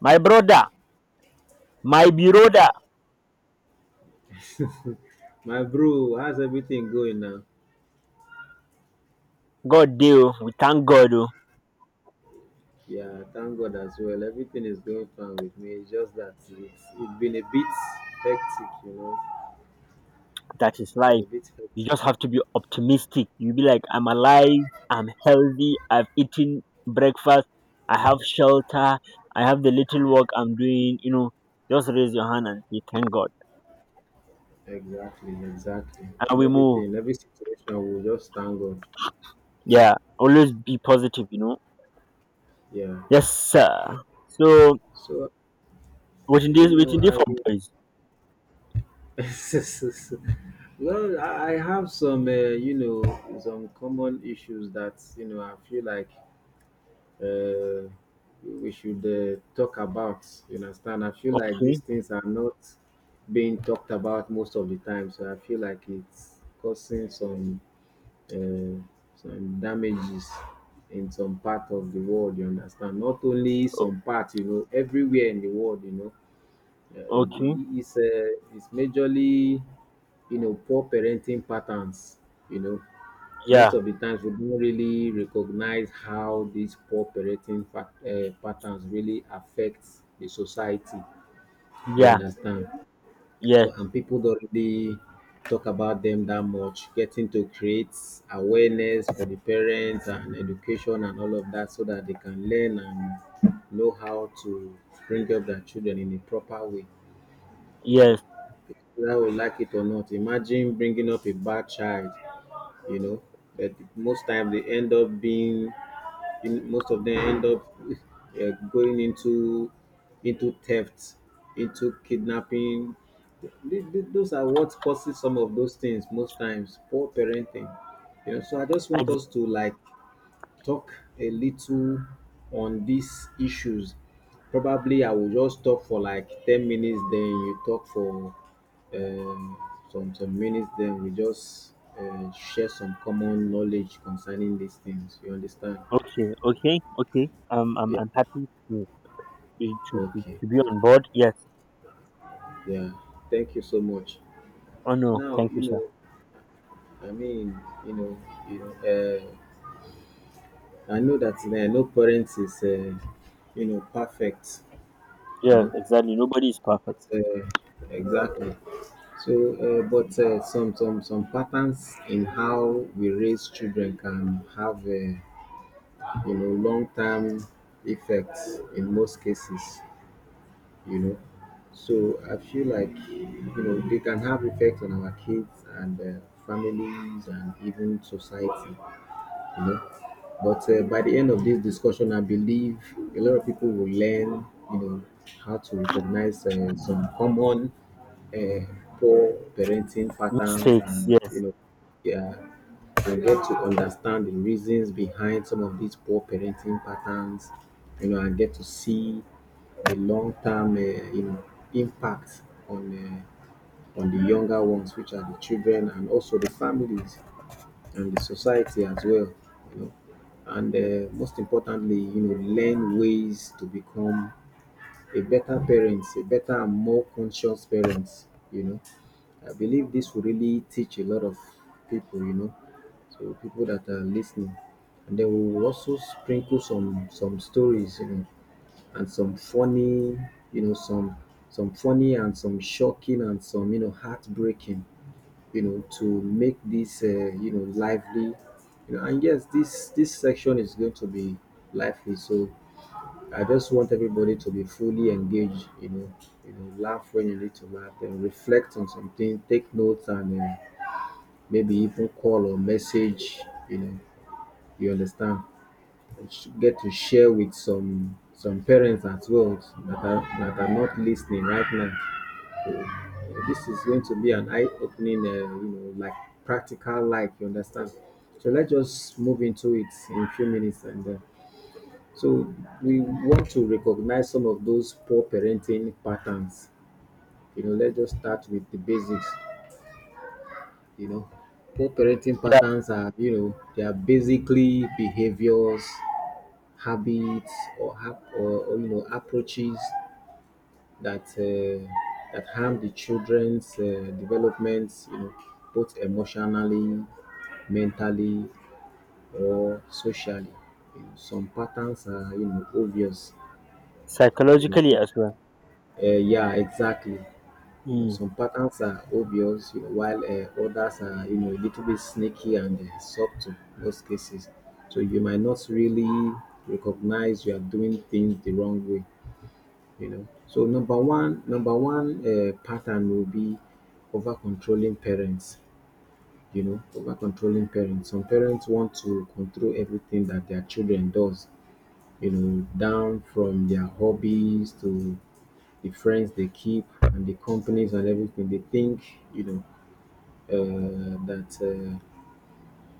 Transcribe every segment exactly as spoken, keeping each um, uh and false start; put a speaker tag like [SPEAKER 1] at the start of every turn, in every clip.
[SPEAKER 1] My brother, my brother,
[SPEAKER 2] My bro, how's everything going now?
[SPEAKER 1] God deal. We thank God oh,
[SPEAKER 2] Yeah, thank God as well. Everything is going fine with me. It's just that it's, it's been a bit hectic, you know.
[SPEAKER 1] that is
[SPEAKER 2] Been
[SPEAKER 1] life.
[SPEAKER 2] a bit
[SPEAKER 1] You
[SPEAKER 2] hectic.
[SPEAKER 1] just have to be optimistic. You be like, I'm alive, I'm healthy, I've eaten breakfast, I have shelter, I have the little work I'm doing. You know, just raise your hand and say thank God,
[SPEAKER 2] Exactly, exactly.
[SPEAKER 1] and
[SPEAKER 2] And
[SPEAKER 1] we move.
[SPEAKER 2] everything, every situation, we just thank God.
[SPEAKER 1] Yeah, always be positive. You know.
[SPEAKER 2] Yeah.
[SPEAKER 1] Yes, sir. So
[SPEAKER 2] So
[SPEAKER 1] waiting
[SPEAKER 2] you
[SPEAKER 1] this,
[SPEAKER 2] know,
[SPEAKER 1] waiting this
[SPEAKER 2] I
[SPEAKER 1] for boys.
[SPEAKER 2] well, I I have some, uh, you know, some common issues that you know I feel like uh, we should uh, talk about. You understand? I feel like these
[SPEAKER 1] Okay,
[SPEAKER 2] things are not being talked about most of the time, so I feel like it's causing some uh, some damages in some part of the world. You understand? Not only
[SPEAKER 1] o-
[SPEAKER 2] some part, you know, everywhere in the world, you know, uh,
[SPEAKER 1] okay.
[SPEAKER 2] it's uh, it's majorly you know poor parenting patterns. You know, most
[SPEAKER 1] Yeah,
[SPEAKER 2] of the times we don't really recognize how these poor parenting fact, uh, patterns really affect the society, you
[SPEAKER 1] yeah,
[SPEAKER 2] understand,
[SPEAKER 1] yes,
[SPEAKER 2] so and people don't really talk about them that much, getting to create awareness for the parents and education and all of that so that they can learn and know how to bring up their children in a proper way, you know.
[SPEAKER 1] yes,
[SPEAKER 2] Whether we like it or not, imagine bringing up a bad child, you know. But most time they end up being most of them end up uh, going into into theft, into kidnapping. Th- th- those are what causes some of those things most times: poor parenting, you know. So I just want
[SPEAKER 1] exactly.
[SPEAKER 2] us to like talk a little on these issues. Probably I will just talk for like ten minutes, then you talk for um, some some minutes, then we just uh, share some common knowledge concerning these things. You understand?
[SPEAKER 1] Okay, okay, okay. Um, I'm
[SPEAKER 2] Yeah.
[SPEAKER 1] I'm happy to be to, to,
[SPEAKER 2] Okay.
[SPEAKER 1] to be on board. Yes.
[SPEAKER 2] Yeah. Thank you so much.
[SPEAKER 1] Oh no,
[SPEAKER 2] Now
[SPEAKER 1] thank you,
[SPEAKER 2] you
[SPEAKER 1] sir.
[SPEAKER 2] know. I mean, you know, you know. Uh, I know that uh, no parents is, uh, you know, perfect. You
[SPEAKER 1] Yes,
[SPEAKER 2] know,
[SPEAKER 1] exactly. Nobody is perfect.
[SPEAKER 2] but, uh, exactly. So, uh, but uh, some some some patterns in how we raise children can have a you know long term effects in most cases. You know, so I feel like you know they can have effects on our kids and uh, families and even society. You know, but uh, by the end of this discussion, I believe a lot of people will learn. You know how to recognize uh, some common uh, poor parenting patterns
[SPEAKER 1] Mistakes.
[SPEAKER 2] and you
[SPEAKER 1] Yes.
[SPEAKER 2] know, yeah, and get to understand the reasons behind some of these poor parenting patterns, you know, and get to see the long-term uh, you know impact on uh, on the younger ones, which are the children, and also the families and the society as well, you know. And uh, most importantly, you know, learn ways to become a better parent, a better and more conscious parent, you know. I believe this will really teach a lot of people, you know, so people that are listening. And then we will also sprinkle some some stories, you know, and some funny, you know, some some funny and some shocking and some, you know, heartbreaking, you know, to make this uh, you know lively, you know. And yes, this this section is going to be lively, so I just want everybody to be fully engaged, you know, you know, laugh when you need to laugh and reflect on something, take notes, and uh, maybe even call or message, you know, you understand. And sh- get to share with some some parents as well that are that are not listening right now. Uh, This is going to be an eye-opening, uh, you know, like practical life. You understand? So let's just move into it in a few minutes and. Uh, So we want to recognize some of those poor parenting patterns. You know, let's just start with the basics. You know, poor parenting
[SPEAKER 1] Yeah.
[SPEAKER 2] patterns are, you know, they are basically behaviors, habits, or hap- or, or you know approaches that uh, that harm the children's uh, development. You know, both emotionally, mentally, or socially. You know, some patterns are, you know, obvious. You know,
[SPEAKER 1] Psychologically as well.
[SPEAKER 2] uh, yeah, exactly. You know,
[SPEAKER 1] Mm.
[SPEAKER 2] some patterns are obvious, you know, while uh, others are, you know, a little bit sneaky and uh, subtle in most cases. So you might not really recognize you are doing things the wrong way, you know. So number one, number one uh, pattern will be over controlling parents. You know, over controlling parents. Some parents want to control everything that their children does. You know, down from their hobbies to the friends they keep and the companies and everything. They think, you know, uh, that uh,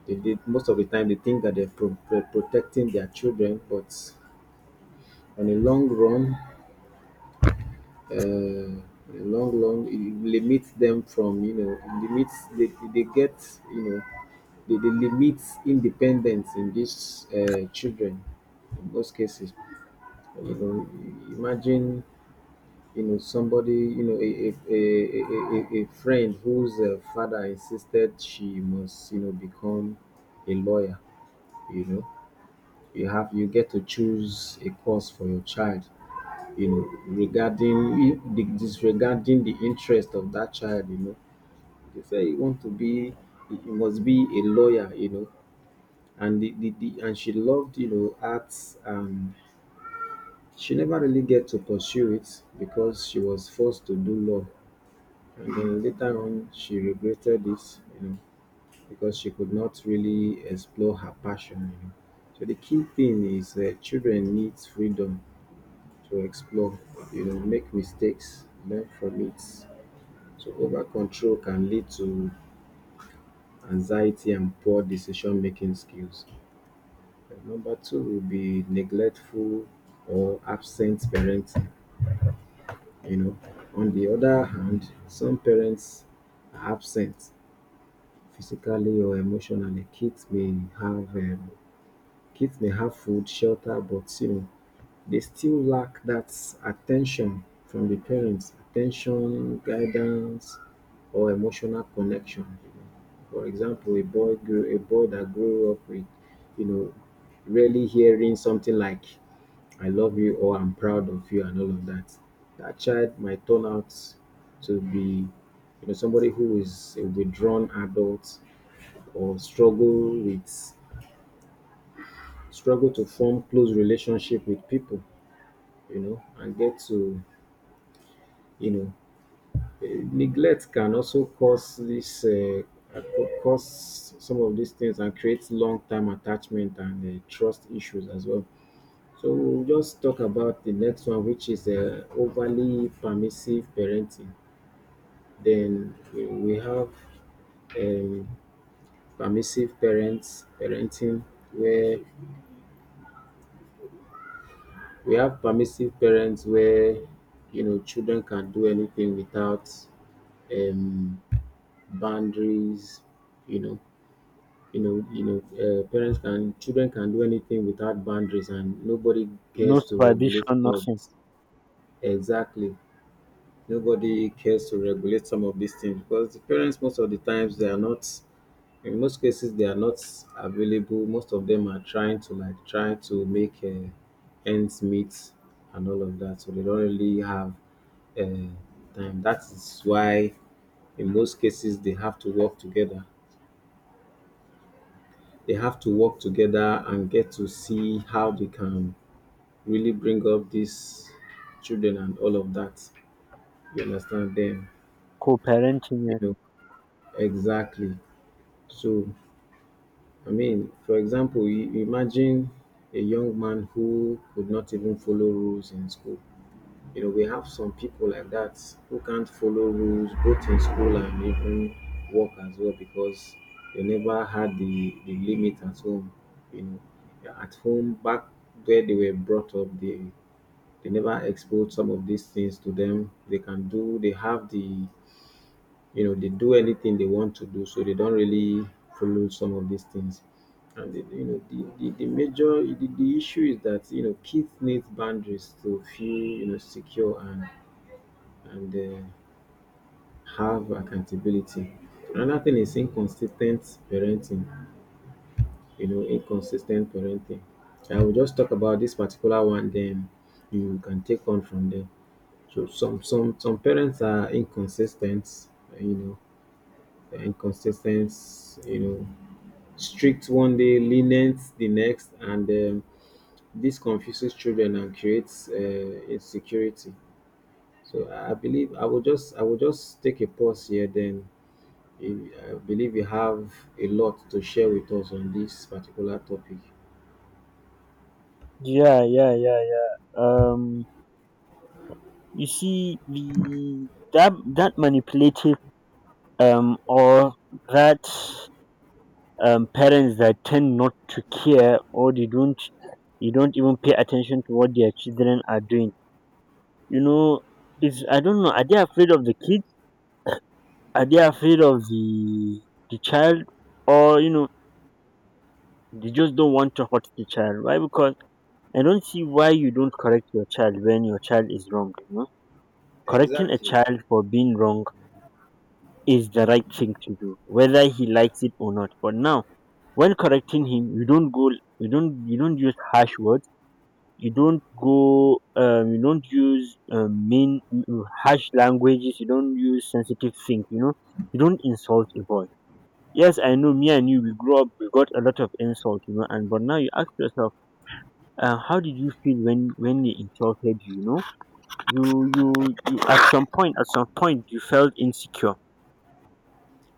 [SPEAKER 2] they did most of the time. They think that they're pro- pro- protecting their children, but on a long run, uh, on a long run, it limits them from, you know, it limits. They, they get, you know, they, they limit independence in these uh, children in most cases. You know, imagine you know somebody, you know, a a, a, a, a, a friend whose uh, father insisted she must, you know, become a lawyer, you know. You have you get to choose a course for your child, you know, regarding disregarding the interest of that child, you know. They say you want to be, you must be a lawyer, you know. And the, the, the and she loved, you know, arts, and she never really get to pursue it because she was forced to do law. And then later on, she regretted this, you know, because she could not really explore her passion, you know. So the key thing is that children need freedom to explore, you know, make mistakes, learn from it. So over control can lead to anxiety and poor decision making skills. And number two will be neglectful or absent parenting, you know. On the other hand, some parents are absent physically or emotionally. Kids may have um, kids may have food, shelter, but you know they still lack that attention from the parents, attention, guidance, or emotional connection. You know, for example, a boy grew a boy that grew up with, you know, rarely hearing something like "I love you" or "I'm proud of you" and all of that. That child might turn out to be, you know, somebody who is a withdrawn adult or struggle with struggle to form close relationship with people, you know, and get to, you know, eh, neglect can also cause this, eh, uh, cause some of these things and create long-term attachment and uh, trust issues as well. So we'll just talk about the next one, which is uh, overly permissive parenting. Then we we have um, permissive parents parenting, where we have permissive parents where, you know, children can do anything without um, boundaries. You know, you know, you know, uh, parents can children can do anything without boundaries, and nobody
[SPEAKER 1] No
[SPEAKER 2] cares to regulate
[SPEAKER 1] supervision,
[SPEAKER 2] some of
[SPEAKER 1] nothing.
[SPEAKER 2] this. Exactly, nobody cares to regulate some of these things because the parents most of the times they are not. In most cases, they are not available. Most of them are trying to like try to make uh, ends meet and all of that, so they don't really have um time. That is why in most cases they have to work together. They have to work together and get to see how they can really bring up these children and all of that. You understand them,
[SPEAKER 1] Co-parenting.
[SPEAKER 2] you
[SPEAKER 1] Yes.
[SPEAKER 2] know, exactly. So I mean, for example, you imagine a young man who could not even follow rules in school. You know, we have some people like that who can't follow rules both in school and even work as well because they never had the, the limit at home. You know, yeah, at home, back where they were brought up, they, they never exposed some of these things to them. They can do, they have the, you know, they do anything they want to do, so they don't really follow some of these things. And the, you know the, the, the major the, the issue is that you know kids need boundaries to feel, you know, secure and and um have accountability. Another thing is inconsistent parenting, you know, inconsistent parenting. I will just talk about this particular one then you can take on from there. So some some some parents are inconsistent, you know, inconsis ten t, you know, strict one day, lenient the next, and um this confuses children and creates um insecurity. So I I believe I will just I will just take a pause here, then I believe you have a lot to share with us on this particular topic.
[SPEAKER 1] Yeah, yeah, yeah, yeah. Um, you see, the that that manipulative um or that um, parents that tend not to care, or they don't, you don't even pay attention to what their children are doing. You know, it's, I don't know, are they afraid of the kids, are they afraid of the the child, or you know, they just don't want to hurt the child. Why? Because I don't see why you don't correct your child when your child is wrong. You know, correcting a
[SPEAKER 2] Exactly,
[SPEAKER 1] child for being wrong is the right thing to do, whether he likes it or not. But now, when correcting him, you don't go you don't you don't use harsh words, you don't go um you don't use um mean, mm, harsh languages, you don't use sensitive things. You know, you don't insult a boy. Yes, I know, me and you, we grew up, we got a lot of insult, you know. And but now, you ask yourself, uh, how did you feel when when they insulted you? You know, you you, you, at some point, at some point you felt insecure.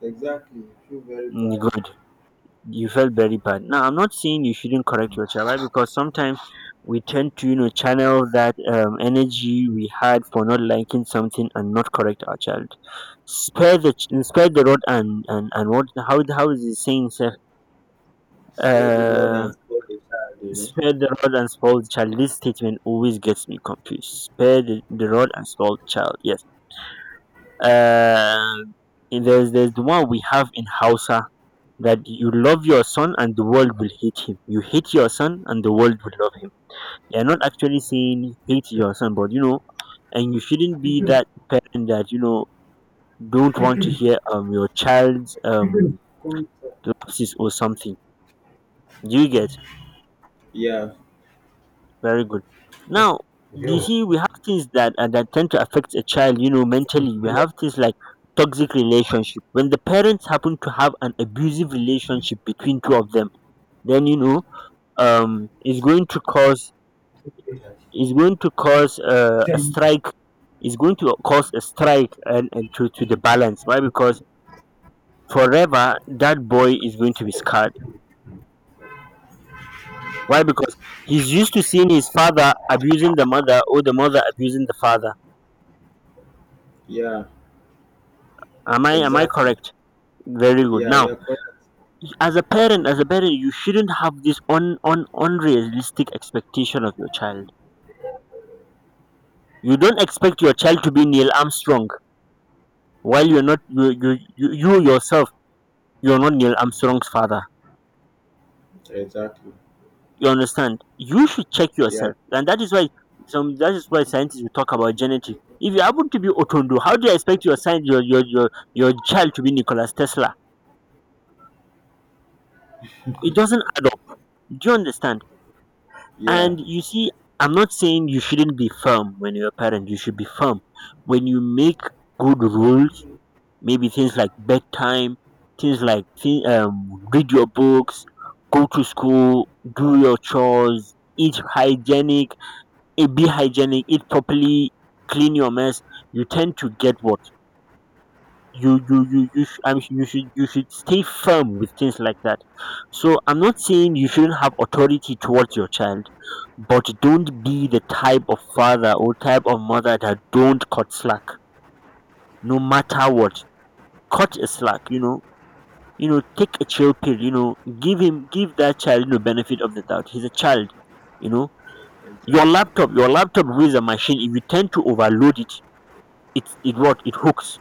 [SPEAKER 2] exactly. You feel very
[SPEAKER 1] Mm,
[SPEAKER 2] bad.
[SPEAKER 1] good, you felt very bad. Now, I'm not saying you shouldn't correct your child, right? Because sometimes we tend to, you know, channel that um, energy we had for not liking something and not correct our child. Spare the ch- spare the rod and and and what? How how is the saying, sir?
[SPEAKER 2] Spare the rod
[SPEAKER 1] Uh,
[SPEAKER 2] and spoil the child, you know.
[SPEAKER 1] Spare the rod and spoil the child. This statement always gets me confused. Spare the, the rod and spoil the child. Yes. Uh, there's there's the one we have in Hausa, that you love your son and the world will hate him, you hate your son and the world will love him. They are not actually saying hate your son, but you know, and you shouldn't be that parent that you know don't want to hear um your child's um
[SPEAKER 2] Come to-
[SPEAKER 1] lapses or something. Do you get?
[SPEAKER 2] Yeah,
[SPEAKER 1] Very good. Now, you see, we have things that uh, that tend to affect a child. You know, mentally, we have things like toxic relationship. When the parents happen to have an abusive relationship between two of them, then you know, um, is going to cause, is going to cause uh, a strike, is going to cause a strike and, and to, to the balance. Why? Because forever that boy is going to be scarred. Why? Because he's used to seeing his father abusing the mother or the mother abusing the father.
[SPEAKER 2] yeah,
[SPEAKER 1] Am i am I
[SPEAKER 2] exactly.
[SPEAKER 1] correct? Very good.
[SPEAKER 2] Yeah,
[SPEAKER 1] Now,
[SPEAKER 2] you're correct.
[SPEAKER 1] as a parent, as a parent you shouldn't have this un, un, unrealistic expectation of your child. You don't expect your child to be Neil Armstrong while you're not, you you, you, you yourself, you're not Neil Armstrong's father.
[SPEAKER 2] Exactly.
[SPEAKER 1] You understand? You should check
[SPEAKER 2] Yeah,
[SPEAKER 1] yourself. And that is why some that is why scientists will talk about genetics. If you happen to be otondo, how do you expect your science your your your, your child to be Nikola Tesla? It doesn't add up. Do you understand?
[SPEAKER 2] yeah,
[SPEAKER 1] And you see, I'm not saying you shouldn't be firm. When you're a parent, you should be firm. When you make good rules, maybe things like bedtime, things like thi- um, read your books, go to school, do your chores, eat hygienic, it be hygienic, eat properly, clean your mess, you tend to get what? you you you you sh- I mean, you should you should stay firm with things like that. So I'm not saying you shouldn't have authority towards your child, but don't be the type of father or type of mother that don't cut slack, no matter what. Cut a slack, you know. You know, take a chill pill. You know, give him, give that child, you know, benefit of the doubt. He's a child. You know, your
[SPEAKER 2] exactly.
[SPEAKER 1] laptop, your laptop is a machine. If you tend to overload it, it it what it hooks.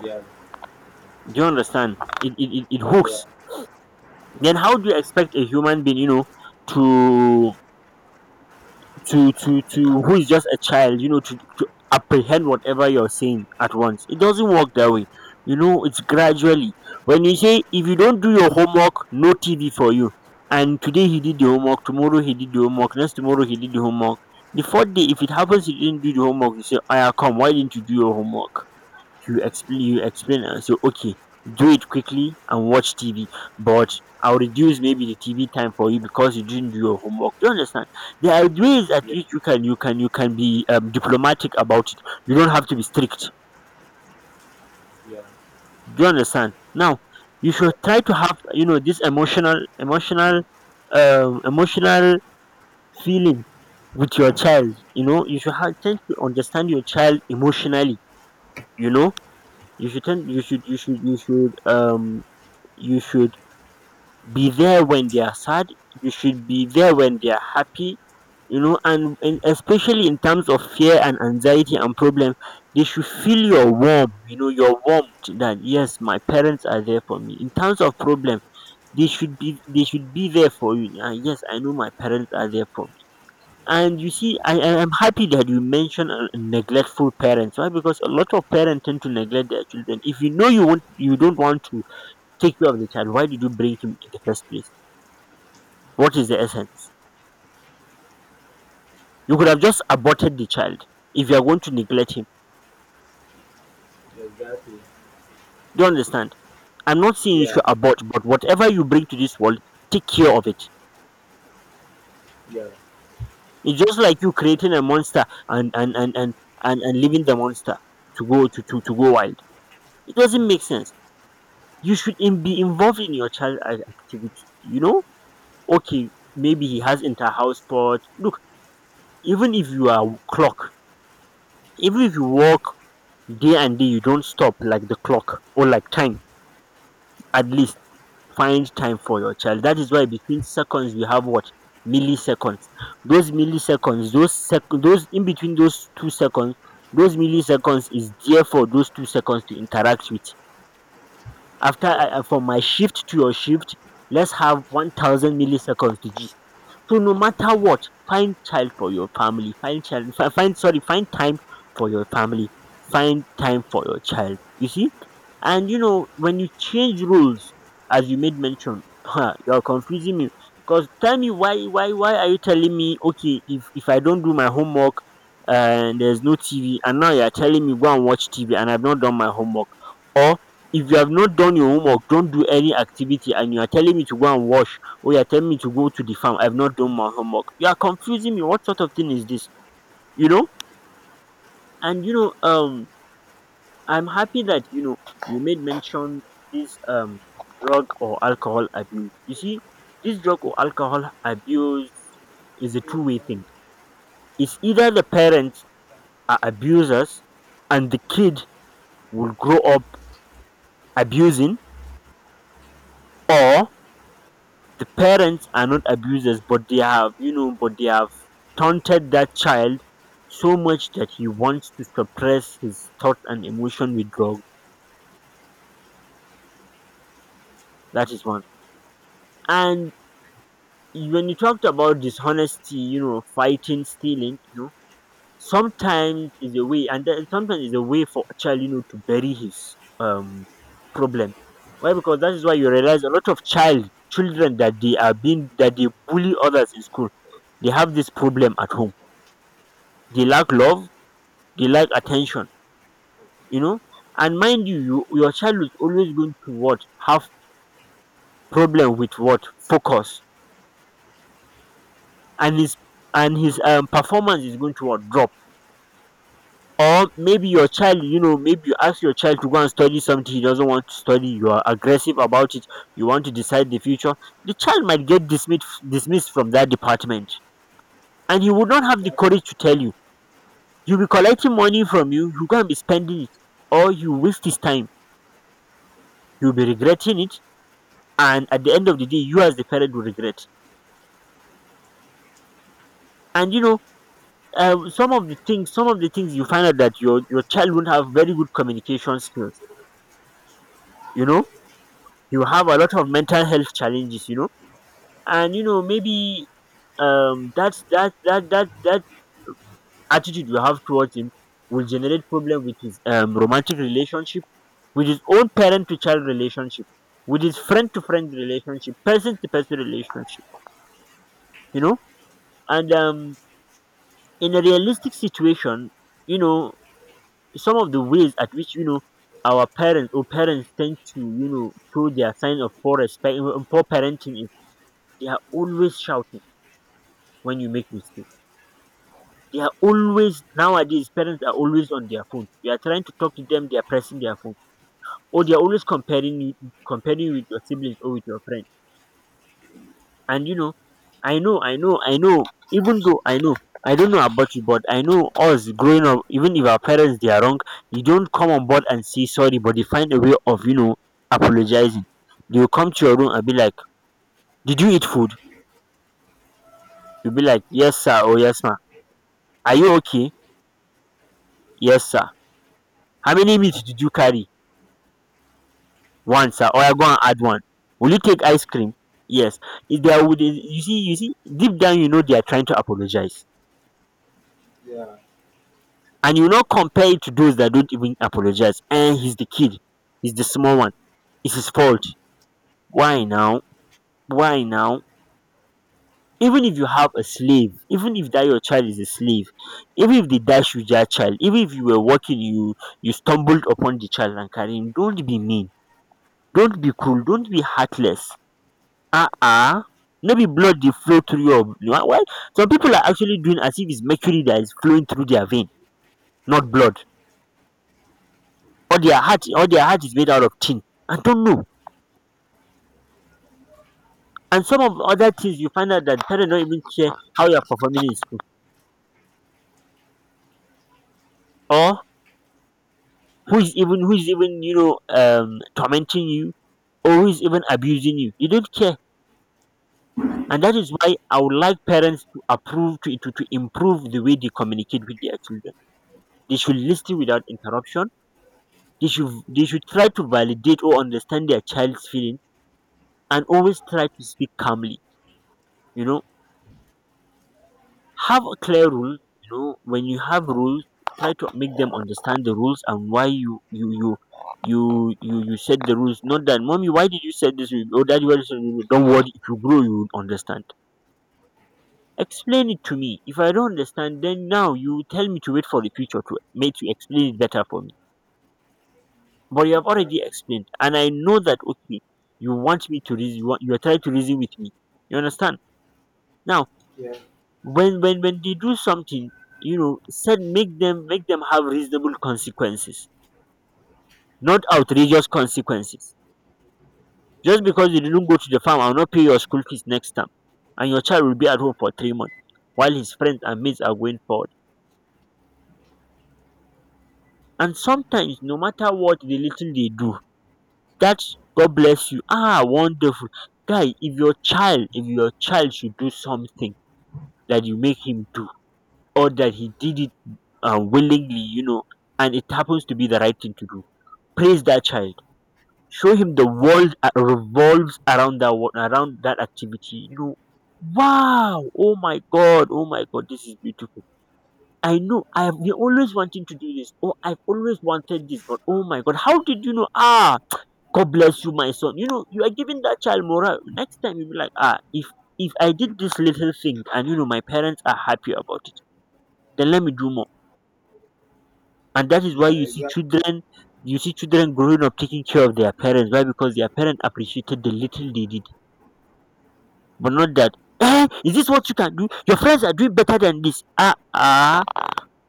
[SPEAKER 2] Yeah,
[SPEAKER 1] Do you understand? It, it it it hooks.
[SPEAKER 2] yeah,
[SPEAKER 1] Then how do you expect a human being, you know, to to to to, who is just a child, you know, to, to apprehend whatever you're saying at once? It doesn't work that way. You know, it's gradually. When you say, if you don't do your homework, no T V for you, and today he did the homework, tomorrow he did the homework, next tomorrow he did the homework, the fourth day, if it happens he didn't do the homework, you say, I come, why didn't you do your homework? You explain you explain and say, okay, do it quickly and watch T V, but I'll reduce maybe the T V time for you because you didn't do your homework. Do you understand? There are ways at
[SPEAKER 2] yeah,
[SPEAKER 1] which you can you can you can be um, diplomatic about it. You don't have to be strict.
[SPEAKER 2] yeah,
[SPEAKER 1] Do you understand? Now, you
[SPEAKER 2] yeah,
[SPEAKER 1] should try to have, you know, this emotional emotional um emotional feeling with your child. You know, you should have tend to understand your child emotionally. You know, you should tend, you should you should you should um you should be there when they are sad, you should be there when they are happy. You know, and, and especially in terms of fear and anxiety and problem, they should feel your warmth. You know, your warmth, that yes, my parents are there for me in terms of problem, they should be they should be there for you, and yes, I know my parents are there for me. And you see, I I am happy that you mentioned uh, neglectful parents. Why? Because a lot of parents tend to neglect their children. If you know you want you don't want to take care of the child, why did you bring him in the first place? What is the essence? You could have just aborted the child if you are going to neglect him.
[SPEAKER 2] exactly.
[SPEAKER 1] Do you understand? I'm not saying you
[SPEAKER 2] Yeah,
[SPEAKER 1] should abort, but whatever you bring to this world, take care of it.
[SPEAKER 2] yeah,
[SPEAKER 1] It's just like you creating a monster, and and and and and, and leaving the monster to go to, to to go wild. It doesn't make sense. You should, in, be involved in your child activity. You know, okay, maybe he has inter house sport. Look, even if you are clock, even if you work day and day, you don't stop like the clock or like time. At least find time for your child. That is why between seconds you have what? Milliseconds. Those milliseconds, those sec those in between those two seconds, those milliseconds is there for those two seconds to interact with. After
[SPEAKER 2] yeah,
[SPEAKER 1] I, I- from my shift to your shift, let's have one thousand milliseconds to g. So no matter what, find child for your family. Find child. fi- Find, sorry, find time for your family. Find time for your child. You see, and you know, when you change rules, as you made mention, huh, you're confusing me. Cause tell me why, why, why are you telling me, okay, if if I don't do my homework, and there's no T V, and now you're telling me go and watch T V, and I've not done my homework. Or if you have not done your homework, don't do any activity, and you are telling me to go and wash. Oh, you're telling me to go to the farm. I've not done my homework. You are confusing me. What sort of thing is this? You know? And you know, um, I'm happy that you know you made mention this um drug or alcohol abuse. You see, this drug or alcohol abuse is a two way thing. It's either the parents are abusers and the kid will grow up abusing, or the parents are not abusers, but they have you know but they have taunted that child so much that he wants to suppress his thoughts and emotion with drugs. That is one. And when you talked about dishonesty, you know, fighting, stealing, you know, sometimes is a way and there, sometimes is a way for a child, you know, to bury his um problem. Why? Because that is why you realize a lot of child children that they are being that they bully others in school, they have this problem at home, they lack love, they lack attention, you know. And mind you, you your child is always going to what? Have problem with what? Focus. And his and his um, performance is going to what? Drop. Or maybe your child, you know, maybe you ask your child to go and study something he doesn't want to study, you are aggressive about it, you want to decide the future. The child might get dismissed dismissed from that department, and he would not have the
[SPEAKER 2] exactly.
[SPEAKER 1] courage to tell you. You'll be collecting money from you you're going be spending it, or you waste his time, you'll be regretting it, and at the end of the day, you as the parent will regret. And you know, uh, some of the things some of the things you find out, that your your child won't have very good communication skills, you know, you have a lot of mental health challenges, you know. And you know, maybe um that's that that that that attitude you have towards him will generate problem with his um, romantic relationship, with his own parent to child relationship, with his friend to friend relationship, person to person relationship, you know. And um In a realistic situation, you know, some of the ways at which, you know, our parents or parents tend to, you know, show their sign of poor respect, poor parenting, is they are always shouting when you make mistakes. They are always Nowadays parents are always on their phone, you are trying to talk to them, they are pressing their phone. Or they are always comparing you, comparing you with your siblings or with your friends. And you know, I know, I know, I know, even though I know, I don't know about you, but I know us growing up, even if our parents they are wrong, you don't come on board and say sorry, but they find a way of, you know, apologizing. They will come to your room and be like, "Did you eat food?" You'll be like, "Yes, sir," or "Yes, ma'am." "Are you okay?" "Yes, sir." "How many meat did you carry?" "One, sir. Or I go and add one." "Will you take ice cream?" "Yes." If they are with you see, you see, deep down, you know, they are trying to apologize,
[SPEAKER 2] Yeah,
[SPEAKER 1] and you no compare it to those that don't even apologize. And he's the kid, he's the small one, it's his fault. Why now? Why now? Even if you have a slave, even if that your child is a slave, even if they dash you your child, even if you were walking, you you stumbled upon the child and carrying. Don't be mean. Don't be cruel. Don't be heartless. Ah, uh, ah, uh. No be blood dey flow through your. Well, some people are actually doing as if it's mercury that is flowing through their vein, not blood. Or their heart or their heart is made out of tin. I don't know. And some of other things, you find out that parents don't even care how you're performing in school. Or who is even who is even, you know, um tormenting you, or who is even abusing you. You don't care. And that is why I would like parents to approve to, to, to improve the way they communicate with their children. They should listen without interruption. They should they should try to validate or understand their child's feeling, and always try to speak calmly. You know, have a clear rule. You know, when you have rules, try to make them understand the rules and why you you you you you, you set the rules. Not that, "Mommy, why did you set this rule? Oh, daddy, why did you set this rule?" "Don't worry, if you grow you will understand." Explain it to me. If I don't understand, then now you tell me to wait for the future to make you explain it better for me. But you have already
[SPEAKER 2] exactly.
[SPEAKER 1] explained, and I know that okay, you want me to reason you, want, you are trying to reason with me. You understand. Now,
[SPEAKER 2] Yeah,
[SPEAKER 1] when when when they do something, you know, said make them make them have reasonable consequences, not outrageous consequences. Just
[SPEAKER 2] yeah,
[SPEAKER 1] because you didn't go to the farm, I'll not pay your school fees next time, and your child will be at home for three months while his friends and mates are going forward. And sometimes, no matter what the little they do, that's "God bless you, ah, wonderful guy." If your child if your child should do something that you make him do, or that he did it uh, willingly, you know, and it happens to be the right thing to do, praise that child. Show him the world uh, revolves around that wo- around that activity. You know, "Wow! Oh my God! Oh my God! This is beautiful. I know I have been always wanting to do this. Oh, I've always wanted this, but oh my God! How did you know? Ah, God bless you, my son." You know, you are giving that child morale. Next time you'll be like, "Ah, if if I did this little thing and you know my parents are happy about it, then let me do more." And that is why
[SPEAKER 2] yeah,
[SPEAKER 1] you see
[SPEAKER 2] exactly,
[SPEAKER 1] children you see children growing up taking care of their parents. Why? Because their parents appreciated the little they did. But not that, "Eh, is this what you can do? Your friends are doing better than this. Ah, ah,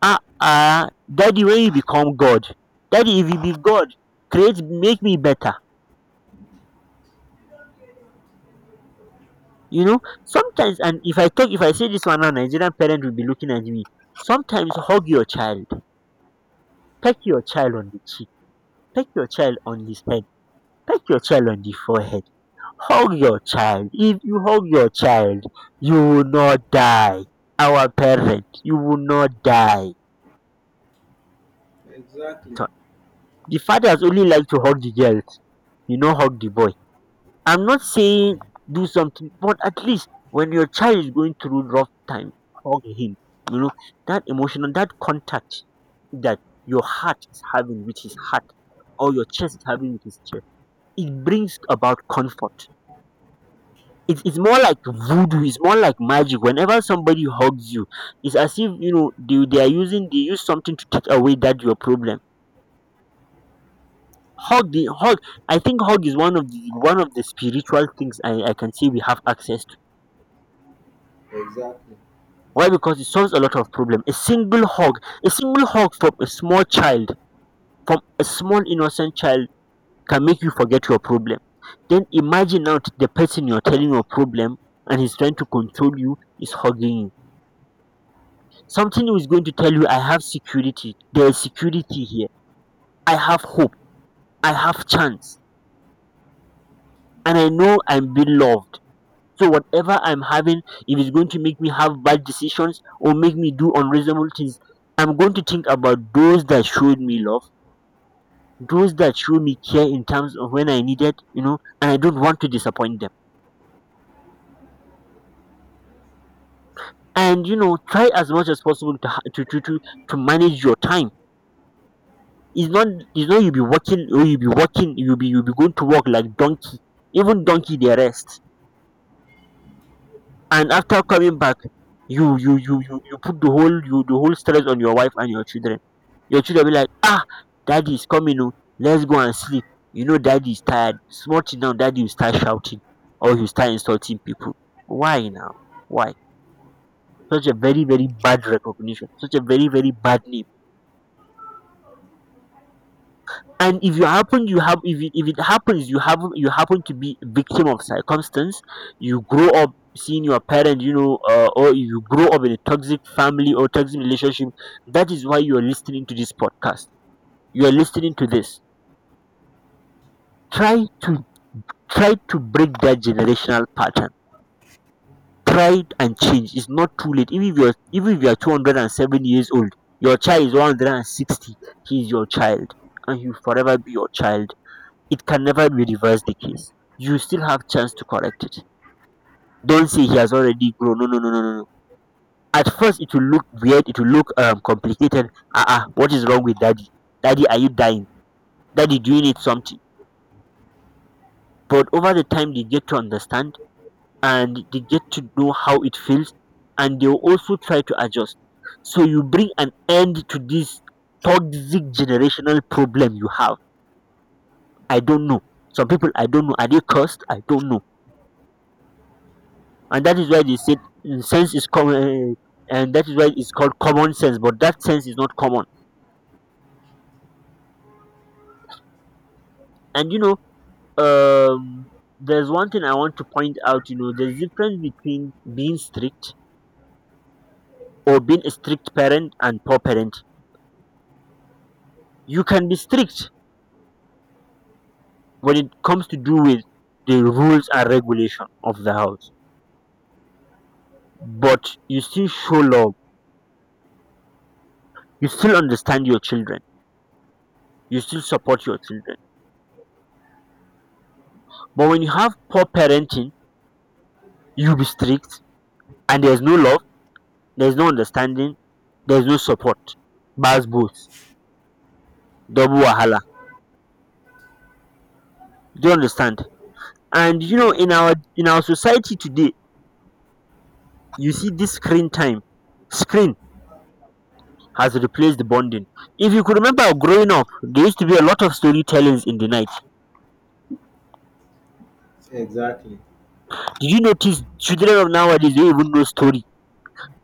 [SPEAKER 1] ah, ah. Daddy, when you become God, daddy, if you be God, create, make me better." You know, sometimes, and if I talk if I say this one now, Nigerian parent will be looking at me. Sometimes hug your child, peck your child on the cheek, peck your child on his head, peck your child on the forehead, hug your child. If you hug your child, you will not die. Our parents, you will not die.
[SPEAKER 2] exactly,
[SPEAKER 1] The fathers only like to hug the girls. You know, hug the boy. I'm not saying do something, but at least when your child is going through rough time, hug him. You know, that emotional that contact, that your heart is having with his heart, or your chest is having with his chest, it brings about comfort. It's it's more like voodoo, it's more like magic. Whenever somebody hugs you, it's as if, you know, they, they are using they use something to take away that your problem. Hug the hug. I think hug is one of the one of the spiritual things i, I can say we have access to.
[SPEAKER 2] exactly,
[SPEAKER 1] Why? Because it solves a lot of problem. A single hug, a single hug from a small child, from a small innocent child, can make you forget your problem. Then imagine now, the person you're telling your problem, and he's trying to control you, is hugging you. Something who is going to tell you, "I have security, there is security here, I have hope, I have chance, and I know I'm being loved. So whatever I'm having, if it's going to make me have bad decisions or make me do unreasonable things, I'm going to think about those that showed me love, those that showed me care in terms of when I needed, you know, and I don't want to disappoint them." And you know, try as much as possible to ha- to to, to, to manage your time. It's not it's not you be working, or you be working you be you be going to work like donkey. Even donkey they rest. And after coming back, you you you you you put the whole you the whole stress on your wife and your children. Your children be like, "Ah, daddy is coming, oh, let's go and sleep." You know, daddy is tired, small thing now daddy will start shouting, or he'll start insulting people. Why now? Why? Such a very very bad recognition, such a very very bad name. And if you happen you have if it, if it happens you happen you happen to be a victim of circumstance, you grow up seeing your parent, you know, uh, or you grow up in a toxic family or toxic relationship, that is why you are listening to this podcast, you are listening to this. try to Try to break that generational pattern. Try and change. It's not too late. Even if you're even if you're two oh seven years old, your child is one hundred sixty, he's your child, and he'll forever be your child. It can never be reversed, the case. You still have chance to correct it. Don't say he has already grown. No, no, no, no, no. no. At first, it will look weird. It will look um complicated. "Ah, uh-uh, what is wrong with daddy? Daddy, are you dying? Daddy, do you need something?" But over the time, they get to understand, and they get to know how it feels, and they will also try to adjust. So you bring an end to this toxic generational problem you have. I don't know. Some people, I don't know. Are they cursed? I don't know. And that is why they said, mm, sense is common, and that is why it's called common sense, but that sense is not common. And you know, um there's one thing I want to point out. You know, there's difference between being strict, or being a strict parent, and poor parent. You can be strict when it comes to do with the rules and regulation of the house, but you still show love, you still understand your children, you still support your children. But when you have poor parenting, you be strict, and there's no love, there's no understanding, there's no support. Bass boats, double wahala. Do you understand? And you know, in our in our society today, you see this screen time. Screen has replaced the bonding. If you could remember growing up, there used to be a lot of storytellings in the night.
[SPEAKER 2] exactly,
[SPEAKER 1] Did you notice children of nowadays don't even know story?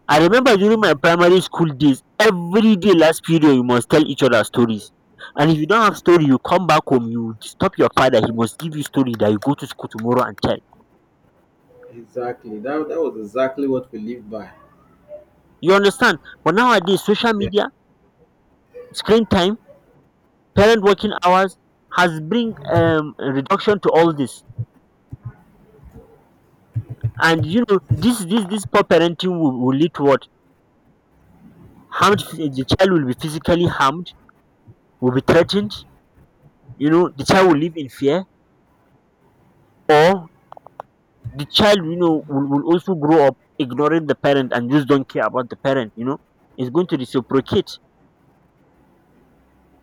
[SPEAKER 1] I remember during my primary school days, every day last period you must tell each other stories. And if you don't have story, you come back home, you stop your father, he must give you story that you go to school tomorrow and tell.
[SPEAKER 2] exactly. That, that was exactly what we lived by.
[SPEAKER 1] You understand? But nowadays, social
[SPEAKER 2] Yeah.
[SPEAKER 1] media, screen time, parent working hours has bring um, reduction to all this. And you know, this this this poor parenting will, will lead to what? Harmed. The child will be physically harmed, will be threatened. You know, the child will live in fear, or the child, you know, will, will also grow up ignoring the parent and just don't care about the parent. You know, it's going to reciprocate.